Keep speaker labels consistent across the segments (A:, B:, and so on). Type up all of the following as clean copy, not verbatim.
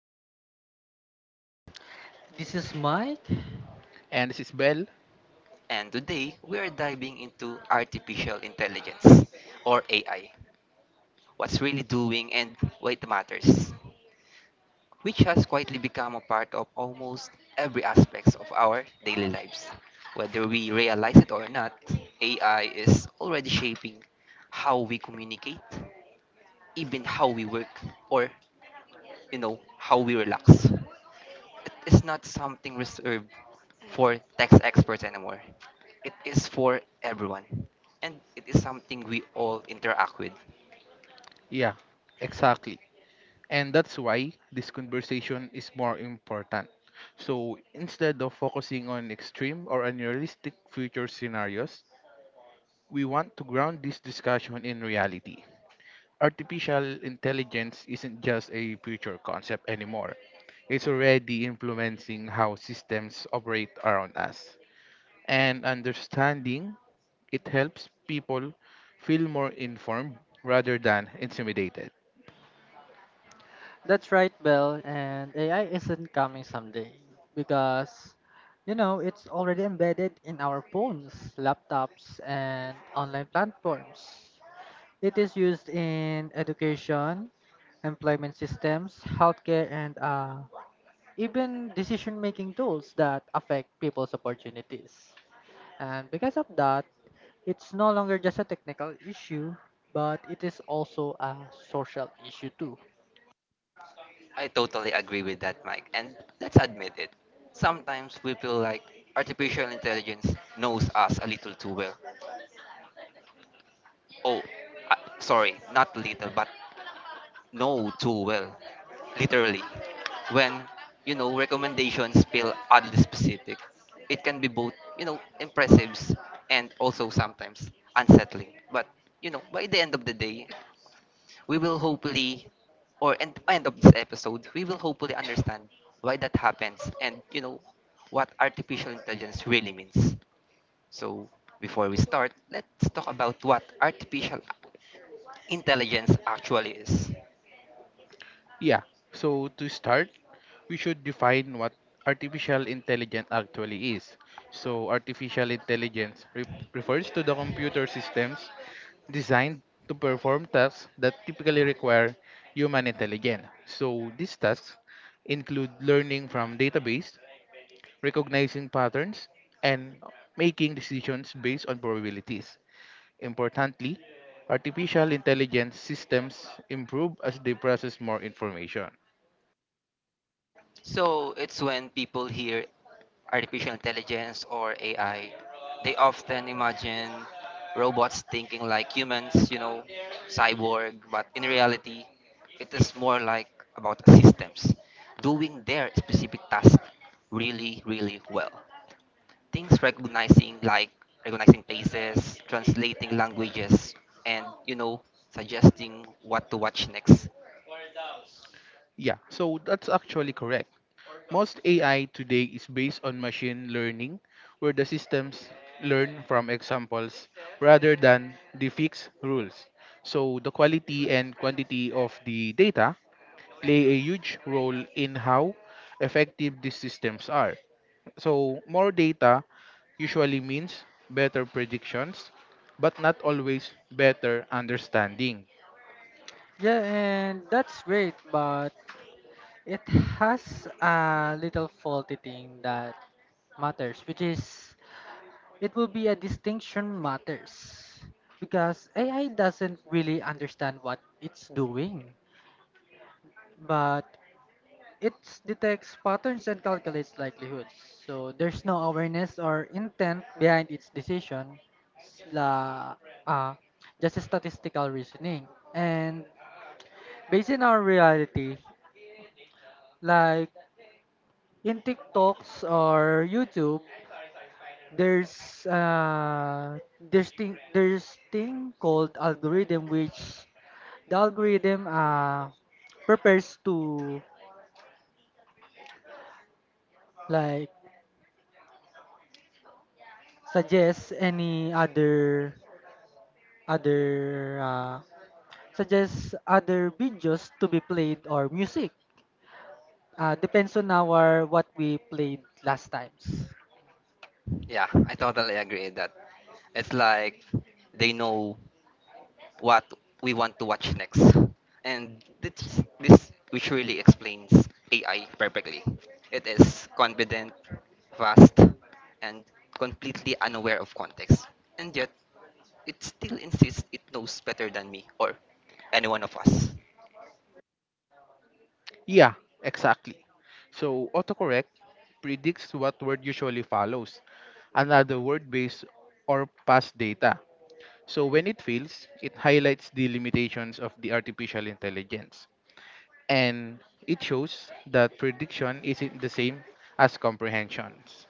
A: This is Alex,
B: This is Mike.
C: And this is Bell.
A: and today we are diving into artificial intelligence or AI, what's really doing and why it matters, which has quietly become a part of almost every aspect of our daily lives. Whether we realize it or not, AI is already shaping how we communicate, even how we work, or how we relax. It is not something reserved for tax experts anymore. It is for everyone. And it is something we all interact with.
C: Yeah, exactly. And that's why this conversation is more important. So instead of focusing on extreme or unrealistic future scenarios, we want to ground this discussion in reality. Artificial intelligence isn't just a future concept anymore. It's already influencing how systems operate around us. And understanding it helps people feel more informed rather than intimidated.
B: That's right, Belle. And AI isn't coming someday because, it's already embedded in our phones, laptops, and online platforms. It is used in education, employment systems, healthcare, and even decision making tools that affect people's opportunities. And because of that, it's no longer just a technical issue, but it is also a social issue too.
A: I totally agree with that, Mike. And let's admit it. Sometimes we feel like artificial intelligence knows us a little too well. Oh, uh, sorry, not little, but know too well, literally. When recommendations feel oddly specific, it can be both impressive and also sometimes unsettling. But by the end of the day, we will hopefully, or end of this episode, we will hopefully understand why that happens and what artificial intelligence really means. So, before we start, let's talk about what artificial intelligence actually is.
C: Yeah, so to start, we should define what artificial intelligence actually is. So, artificial intelligence refers to the computer systems designed to perform tasks that typically require human intelligence. So, these tasks include learning from database, recognizing patterns, and making decisions based on probabilities. Importantly, artificial intelligence systems improve as they process more information.
A: So it's when people hear artificial intelligence or AI, they often imagine robots thinking like humans, cyborg, but in reality, it is more like about systems doing their specific task really, really well. Things recognizing like recognizing faces, translating languages, and suggesting what to watch next.
C: Yeah, so that's actually correct. Most AI today is based on machine learning, where the systems learn from examples rather than the fixed rules. So the quality and quantity of the data play a huge role in how effective these systems are. So more data usually means better predictions, but not always better understanding.
B: Yeah, and that's great, but it has a little faulty thing that matters, which is it will be a distinction matters because AI doesn't really understand what it's doing, but it detects patterns and calculates likelihoods. So there's no awareness or intent behind its decision, s- la, uh, just a statistical reasoning. And based on our reality, like in TikToks or YouTube, there's uh there's thing called algorithm which the algorithm prepares to like suggest any other other uh suggest other videos to be played or music. Depends on our what we played last times.
A: Yeah, I totally agree with that. It's like they know what we want to watch next. And this which really explains AI perfectly. It is confident, fast, and completely unaware of context. And yet, it still insists it knows better than me or any one of us.
C: Yeah, exactly. So autocorrect predicts what word usually follows, another word based or past data. So when it fails, it highlights the limitations of the artificial intelligence. And it shows that prediction isn't the same as comprehensions.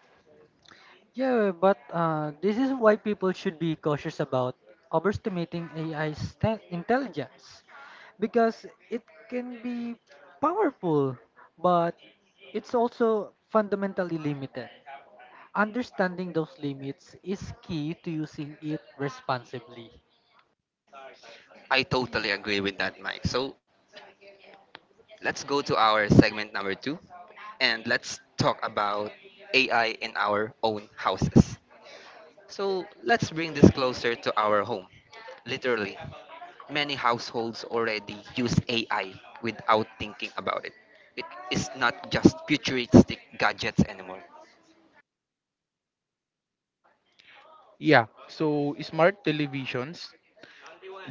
B: Yeah, but this is why people should be cautious about overestimating AI's intelligence because it can be powerful, but it's also fundamentally limited. Understanding those limits is key to using it responsibly.
A: I totally agree with that, Mike. So let's go to our segment number two and let's talk about AI in our own houses. So let's bring this closer to our home. Literally, many households already use AI without thinking about it. It is not just futuristic gadgets anymore.
C: Yeah, so smart televisions,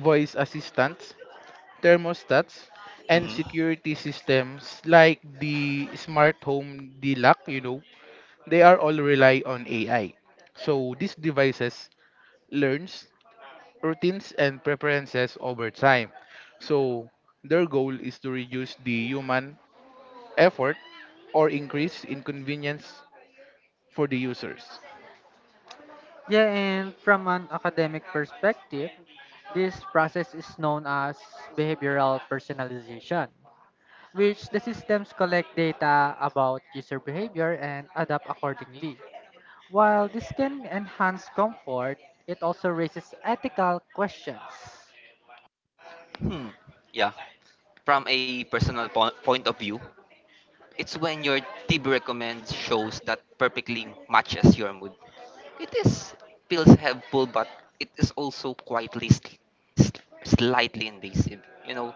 C: voice assistants, thermostats, and
A: Mhm.
C: security systems like the smart home DLAC, they are all rely on AI. So these devices learns routines and preferences over time. So their goal is to reduce the human effort or increase inconvenience for the users.
B: Yeah, and from an academic perspective, this process is known as behavioral personalization which the systems collect data about user behavior and adapt accordingly. While this can enhance comfort, it also raises ethical questions.
A: Hmm. Yeah. From a personal point of view, it's when your TV recommends shows that perfectly matches your mood. It is feels helpful, but it is also quietly, slightly invasive. You know,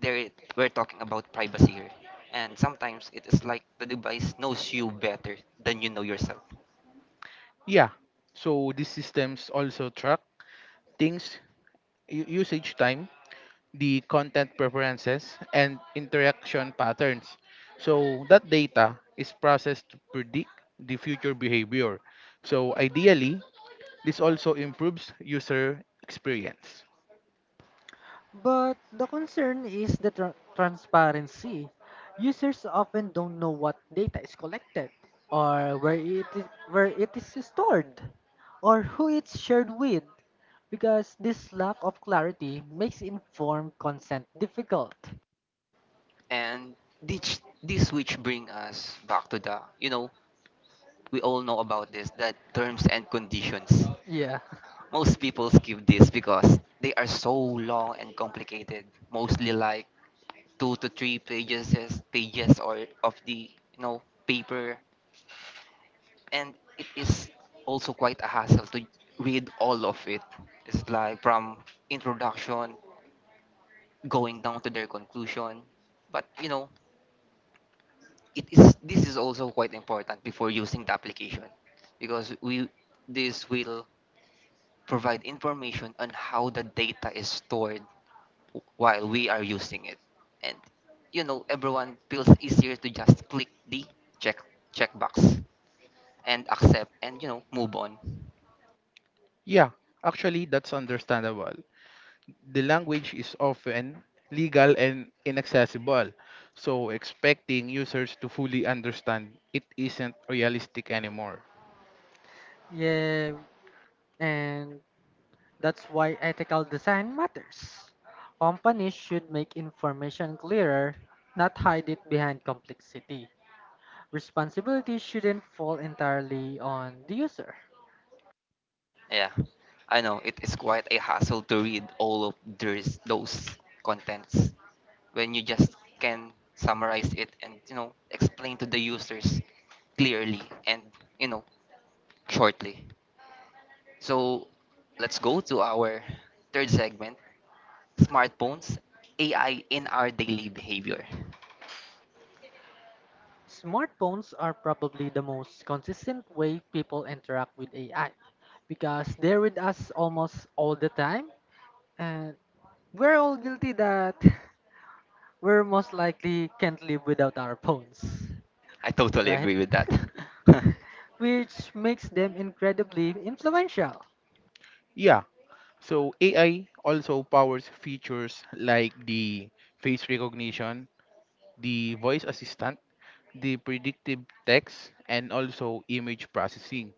A: there we're talking about privacy here, and sometimes it is like the device knows you better than you know yourself.
C: Yeah. So these systems also track things usage time, the content preferences and interaction patterns. So that data is processed to predict the future behavior. So ideally, this also improves user experience.
B: But the concern is the transparency. Users often don't know what data is collected, or where it is stored, or who it's shared with, because this lack of clarity makes informed consent difficult.
A: And this which bring us back to the we all know about this that terms and conditions.
B: Yeah,
A: Most people skip this because they are so long and complicated, mostly like two to three pages or of the paper and it is also quite a hassle to read all of it. It's like from introduction going down to their conclusion. But it is this is also quite important before using the application because we this will provide information on how the data is stored while we are using it. And everyone feels easier to just click the check checkbox and accept and move on.
C: Yeah, actually, that's understandable. The language is often legal and inaccessible, so expecting users to fully understand it isn't realistic anymore.
B: yeah. And that's why ethical design matters. Companies should make information clearer, not hide it behind complexity. Responsibility shouldn't fall entirely on the user.
A: Yeah, I know it is quite a hassle to read all of those contents when you just can summarize it and explain to the users clearly and you know shortly. So let's go to our third segment: smartphones, AI in our daily behavior.
B: Smartphones are probably the most consistent way people interact with AI because they're with us almost all the time and we're all guilty that we're most likely can't live without our phones,
A: I totally
B: right?
A: agree with that.
B: Which makes them incredibly influential.
C: Yeah, so AI also powers features like the face recognition, the voice assistant, the predictive text, and also image processing.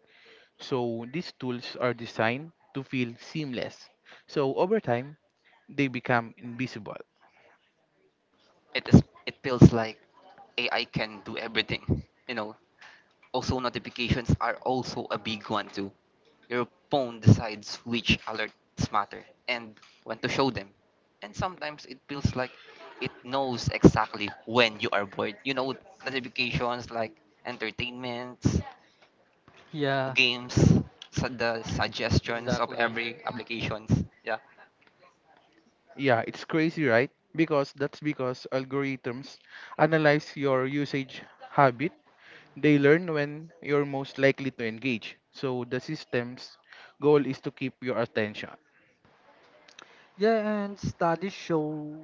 C: So these tools are designed to feel seamless. So over time, they become invisible.
A: It feels like AI can do everything. Also notifications are also a big one too. Your phone decides which alerts matter and when to show them. And sometimes it feels like it knows exactly when you are bored. Notifications like entertainments,
B: Yeah,
A: games, the suggestions of
B: exactly.
A: every applications. Yeah,
C: Yeah, it's crazy, right? Because that's because algorithms analyze your usage habit. They learn when you're most likely to engage. So the system's goal is to keep your attention.
B: Yeah, and studies show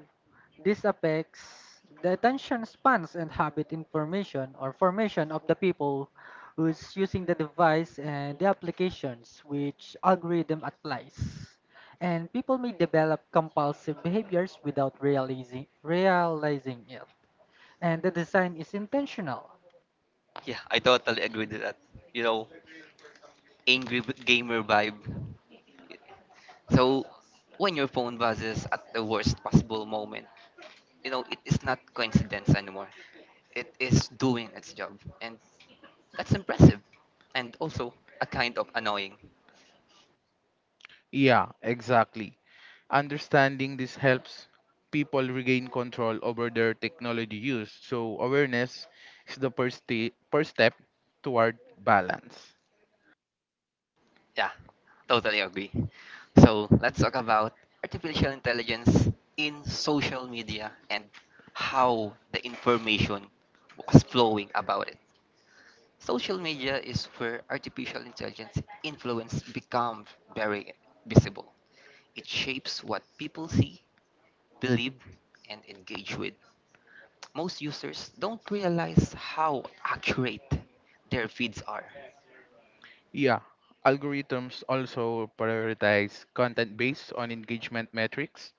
B: this affects the attention spans and habit information or formation of the people who's using the device and the applications which algorithm applies. And people may develop compulsive behaviors without realizing it. And the design is intentional.
A: yeah, I totally agree with that. You know, angry gamer vibe. So when your phone buzzes at the worst possible moment, it is not coincidence anymore. It is doing its job. And that's impressive. And also a kind of annoying.
C: Yeah, exactly. Understanding this helps people regain control over their technology use. So awareness is the first step toward balance.
A: Yeah, totally agree. So let's talk about artificial intelligence in social media and how the information was flowing about it. Social media is where artificial intelligence influence becomes very visible. It shapes what people see, believe, and engage with. Most users don't realize how accurate their feeds are.
C: Yeah, algorithms also prioritize content based on engagement metrics.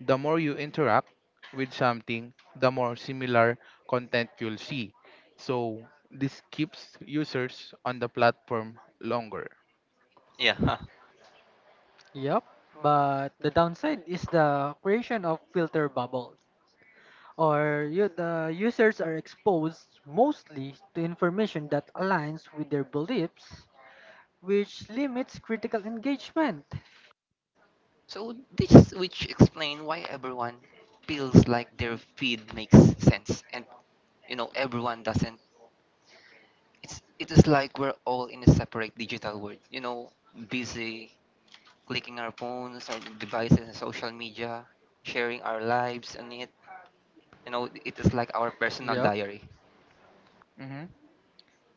C: The more you interact with something, the more similar content you'll see. So this keeps users on the platform longer.
A: Yeah. Huh.
B: Yep, but the downside is the creation of filter bubbles, or you, the users are exposed mostly to information that aligns with their beliefs, which limits critical engagement.
A: So this which explain why everyone feels like their feed makes sense and everyone doesn't it is like we're all in a separate digital world busy clicking our phones, our devices, and social media, sharing our lives, and it is like our personal
B: Yep,
A: diary.
C: Mhm.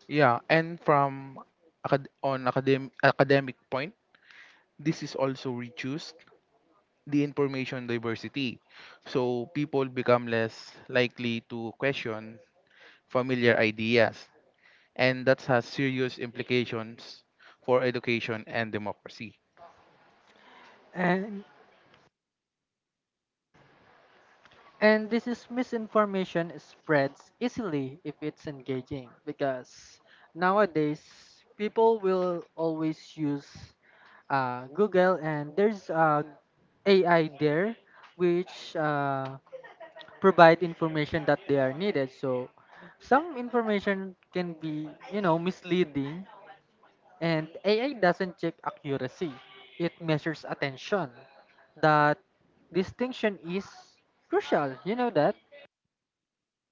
C: Yeah, and from academic point, this is also reduced the information diversity. So people become less likely to question familiar ideas, and that has serious implications for education and democracy.
B: and this is misinformation spreads easily if it's engaging because nowadays people will always use Google and there's AI there which provide information that they are needed. So some information can be, you know, misleading and AI doesn't check accuracy. It measures attention. That distinction is crucial. You know that?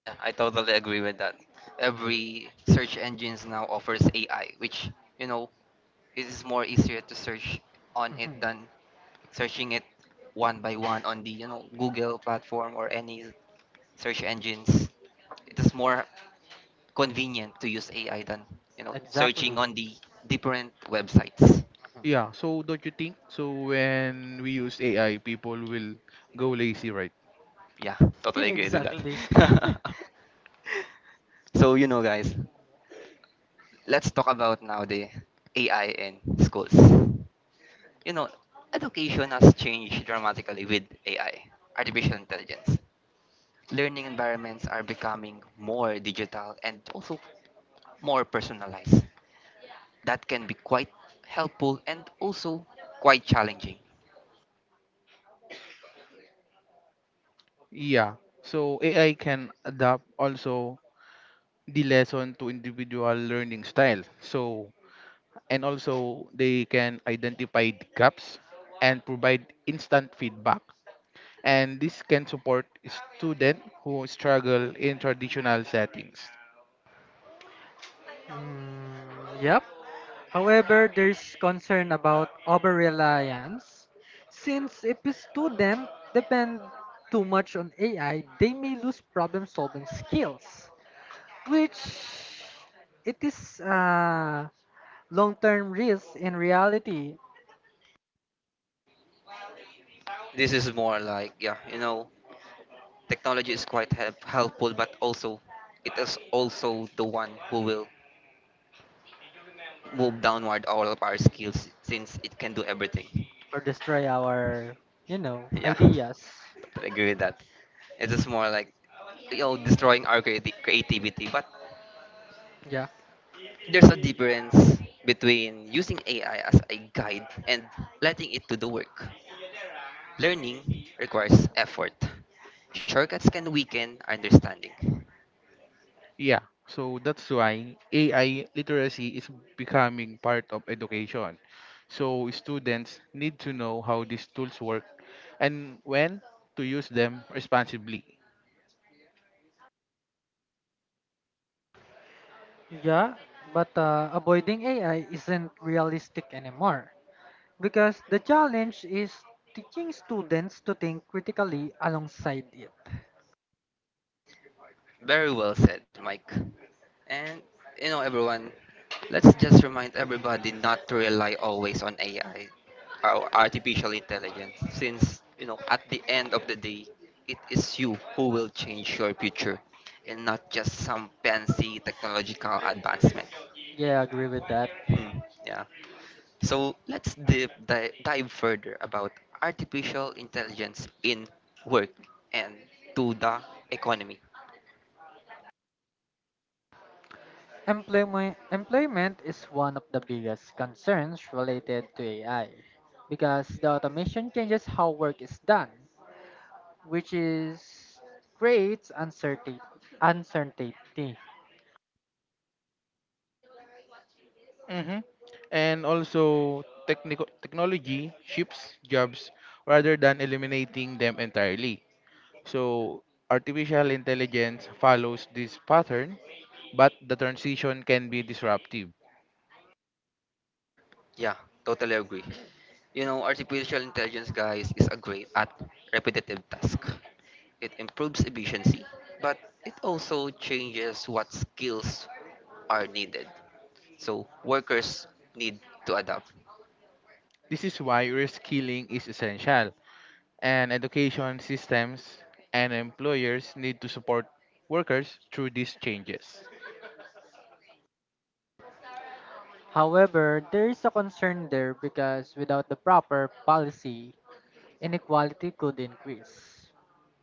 A: Yeah, I totally agree with that. Every search engines now offers AI, which you know it is more easier to search on it than searching it one by one on the Google platform or any search engines. It is more convenient to use AI than searching
B: Exactly.
A: on the different websites.
C: Yeah, so don't you think? So when we use AI, people will go lazy, right?
A: Yeah, totally agreed with
B: exactly.
A: that. So, guys, let's talk about now the AI in schools. You know, education has changed dramatically with AI, artificial intelligence. Learning environments are becoming more digital and also more personalized. That can be quite helpful and also quite challenging.
C: Yeah. So AI can adapt also the lesson to individual learning style. So and also they can identify the gaps and provide instant feedback, and this can support students who struggle in traditional settings.
B: Mm, yep. However, there's concern about over reliance. Since if a student depend too much on AI, they may lose problem solving skills, which it is a long term risk in reality
A: This is more like yeah, technology is quite helpful, but also it is also the one who will move downward all of our skills since it can do everything.
B: or destroy our, you know,
A: Yeah,
B: ideas.
A: I agree with that. It is more like destroying our creativity, but
B: Yeah.
A: there's a difference between using AI as a guide and letting it do the work. Learning requires effort. Shortcuts can weaken our understanding.
C: Yeah, so that's why AI literacy is becoming part of education. So students need to know how these tools work and when to use them responsibly.
B: Yeah, but avoiding AI isn't realistic anymore. Because the challenge is teaching students to think critically alongside it.
A: Very well said, Mike. And everyone, let's just remind everybody not to rely always on AI or artificial intelligence, since at the end of the day, it is you who will change your future, and not just some fancy technological advancement.
B: Yeah, I agree with that.
A: Hmm, yeah. So let's dive, dive, dive further about artificial intelligence in work and to the economy.
B: Employment is one of the biggest concerns related to AI because the automation changes how work is done, which is creates uncertainty.
C: Hmm. And also, technology shifts jobs rather than eliminating them entirely. So, artificial intelligence follows this pattern, but the transition can be disruptive.
A: Yeah, totally agree. Artificial intelligence, guys, is a great at repetitive task. It improves efficiency, but it also changes what skills are needed. So workers need to adapt.
C: This is why reskilling is essential, and education systems and employers need to support workers through these changes.
B: However, there is a concern there because without the proper policy, inequality could increase.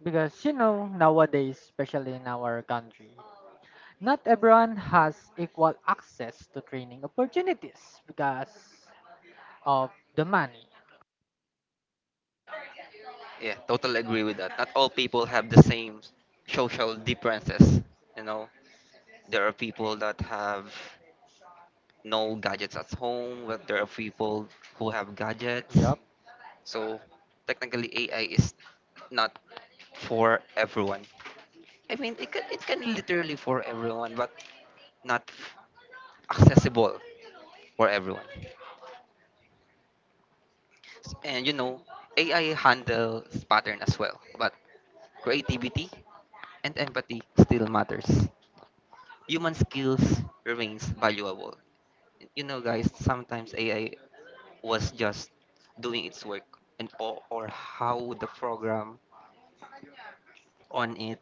B: Because you know, nowadays, especially in our country, not everyone has equal access to training opportunities because of the money.
A: Yeah, totally agree with that. Not all people have the same social differences. You know, there are people that have no gadgets at home, but there are people who have gadgets.
B: Yup.
A: So technically, AI is not for everyone. I mean, it can literally for everyone, but not accessible for everyone. And AI handles pattern as well, but creativity and empathy still matters. Human skills remains valuable. Guys, sometimes AI was just doing its work and or how the program on it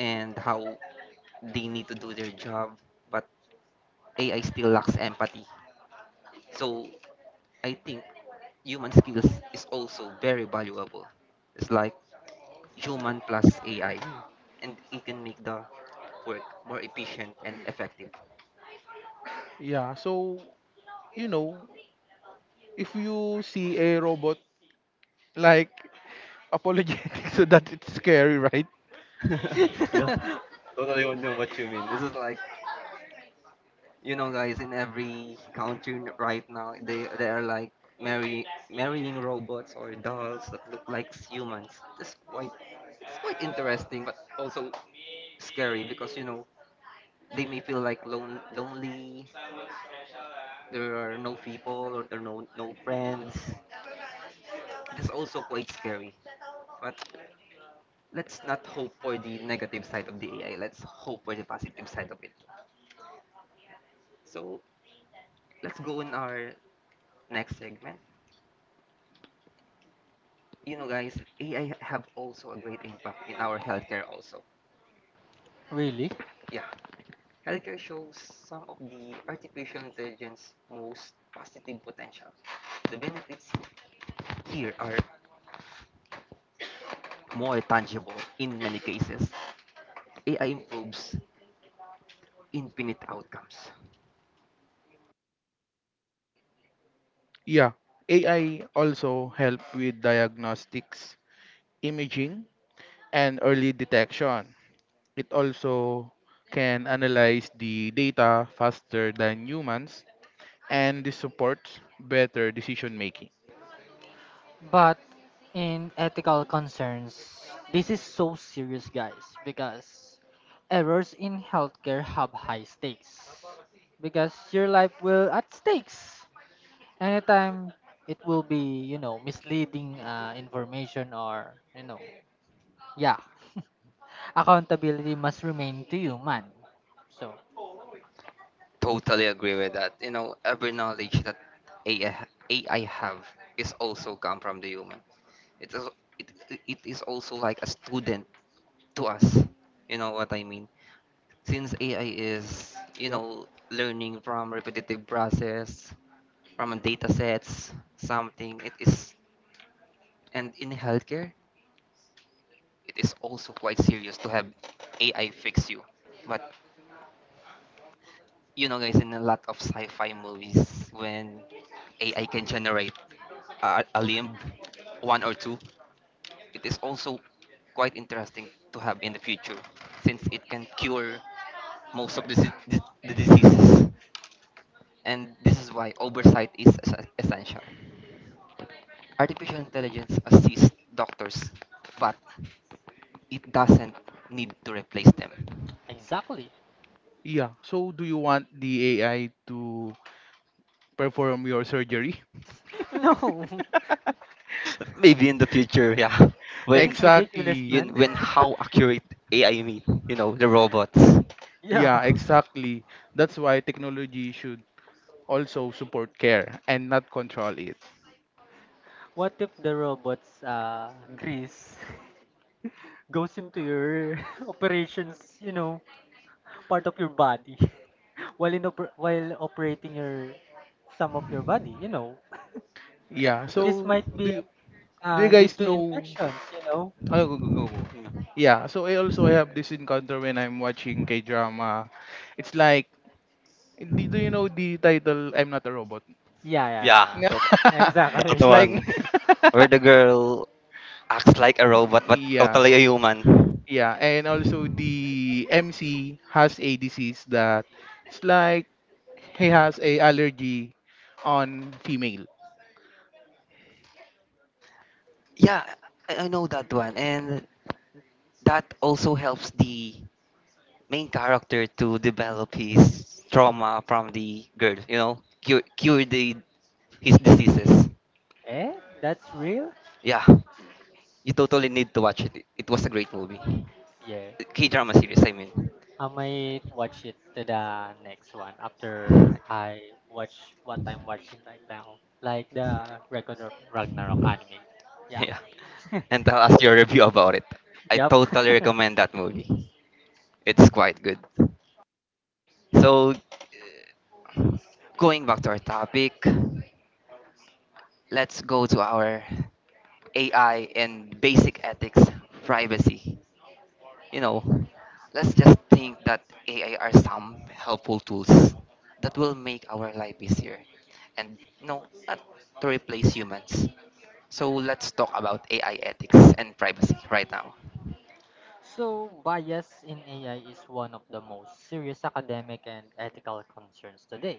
A: and how they need to do their job, but AI still lacks empathy. So I think human skills is also very valuable. It's like human plus AI, and it can make the work more efficient and effective.
C: Yeah, so, you know, if you see a robot like apologetic so that it's scary, right?
A: Yeah, totally know what you mean. This is like guys, in every country right now, they are like marry marrying robots or dolls that look like humans. That's quite it's quite interesting, but also scary because they may feel like lonely. There are no people or there are no friends. It is also quite scary. But let's not hope for the negative side of the AI. Let's hope for the positive side of it. So let's go in our next segment. Guys, AI have also a great impact in our healthcare. Also,
B: Really?
A: yeah, healthcare shows some of the artificial intelligence most positive potential. The benefits here are more tangible in many cases. AI improves infinite outcomes.
C: Yeah. AI also help with diagnostics, imaging, and early detection. It also can analyze the data faster than humans, and this supports better decision making.
B: But in ethical concerns, this is so serious, guys, because errors in healthcare have high stakes. Because your life will at stakes. Anytime it will be, you know, misleading information or, you know, yeah, accountability must remain to human. So,
A: Totally agree with that. Every knowledge that AI have is also come from the human. It is it, it is also like a student to us. You know what I mean? Since AI is, you
B: yup.
A: know, learning from repetitive process, from data sets, something, it is and in healthcare, it is also quite serious to have AI fix you. But guys in a lot of sci-fi movies when AI can generate a limb one or two, it is also quite interesting to have in the future since it can cure most of the diseases. And this is why oversight is essential. Artificial intelligence assists doctors but it doesn't need to replace them.
B: Exactly.
C: Yeah. So do you want the AI to perform your surgery?
B: No,
A: Maybe in the future, yeah.
B: this
A: When
B: is ridiculous,
C: Exactly.
A: you
B: man.
A: when how accurate AI mean, the robots.
B: Yeah.
C: Yeah, exactly. That's why technology should also support care and not control it.
B: What if the robot's grease goes into your operations, you know, part of your body while in while operating your some of your body, you know.
C: Yeah.
B: This
C: So
B: might
C: do
B: be
C: you, do you
B: lead
C: guys
B: to
C: know?
B: infections, you know.
C: Oh, go, go, go, go. Yeah. So I have this encounter when I'm watching K drama. It's like do you know the title "I'm Not a Robot"?
A: Yeah.
B: Yeah,
A: Yeah,
B: yeah,
A: tot-
B: yeah.
A: that
C: It's like
B: Exactly.
A: one. Where the girl acts like a robot but
C: yeah.
A: totally a human.
C: Yeah, and also the MC has a disease that it's like he has a allergy on female.
A: Yeah, I know that one. And that also helps the main character to develop his trauma from the girl, cure his diseases.
B: Eh, that's real?
A: Yeah. You totally need to watch it. It was a great movie.
B: Yeah.
A: K drama series, I mean.
B: I might watch it to the next one after I watch what I'm watching right now, like the Record of Ragnarok anime. Yeah.
A: Yeah. And tell us your review about it. I
B: Yep.
A: totally recommend that movie. It's quite good. So, going back to our topic, let's go to our AI and basic ethics privacy. You know, let's just think that AI are some helpful tools that will make our life easier and no, not to replace humans. So let's talk about AI ethics and privacy right now.
B: So, bias in AI is one of the most serious academic and ethical concerns today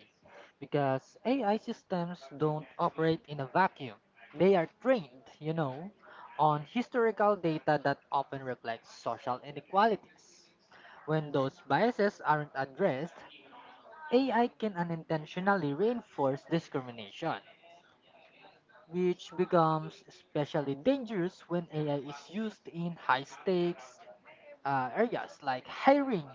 B: because AI systems don't operate in a vacuum. They are trained, you know, on historical data that often reflects social inequalities. When those biases aren't addressed, AI can unintentionally reinforce discrimination, which becomes especially dangerous when AI is used in high stakes areas like hiring,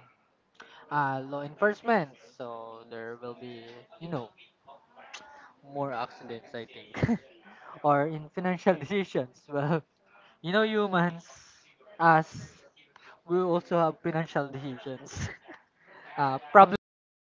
B: law enforcement. So there will be, you know, more accidents, I think, or in financial decisions. Well, you know, humans, us, we also have financial decisions. Problem with it.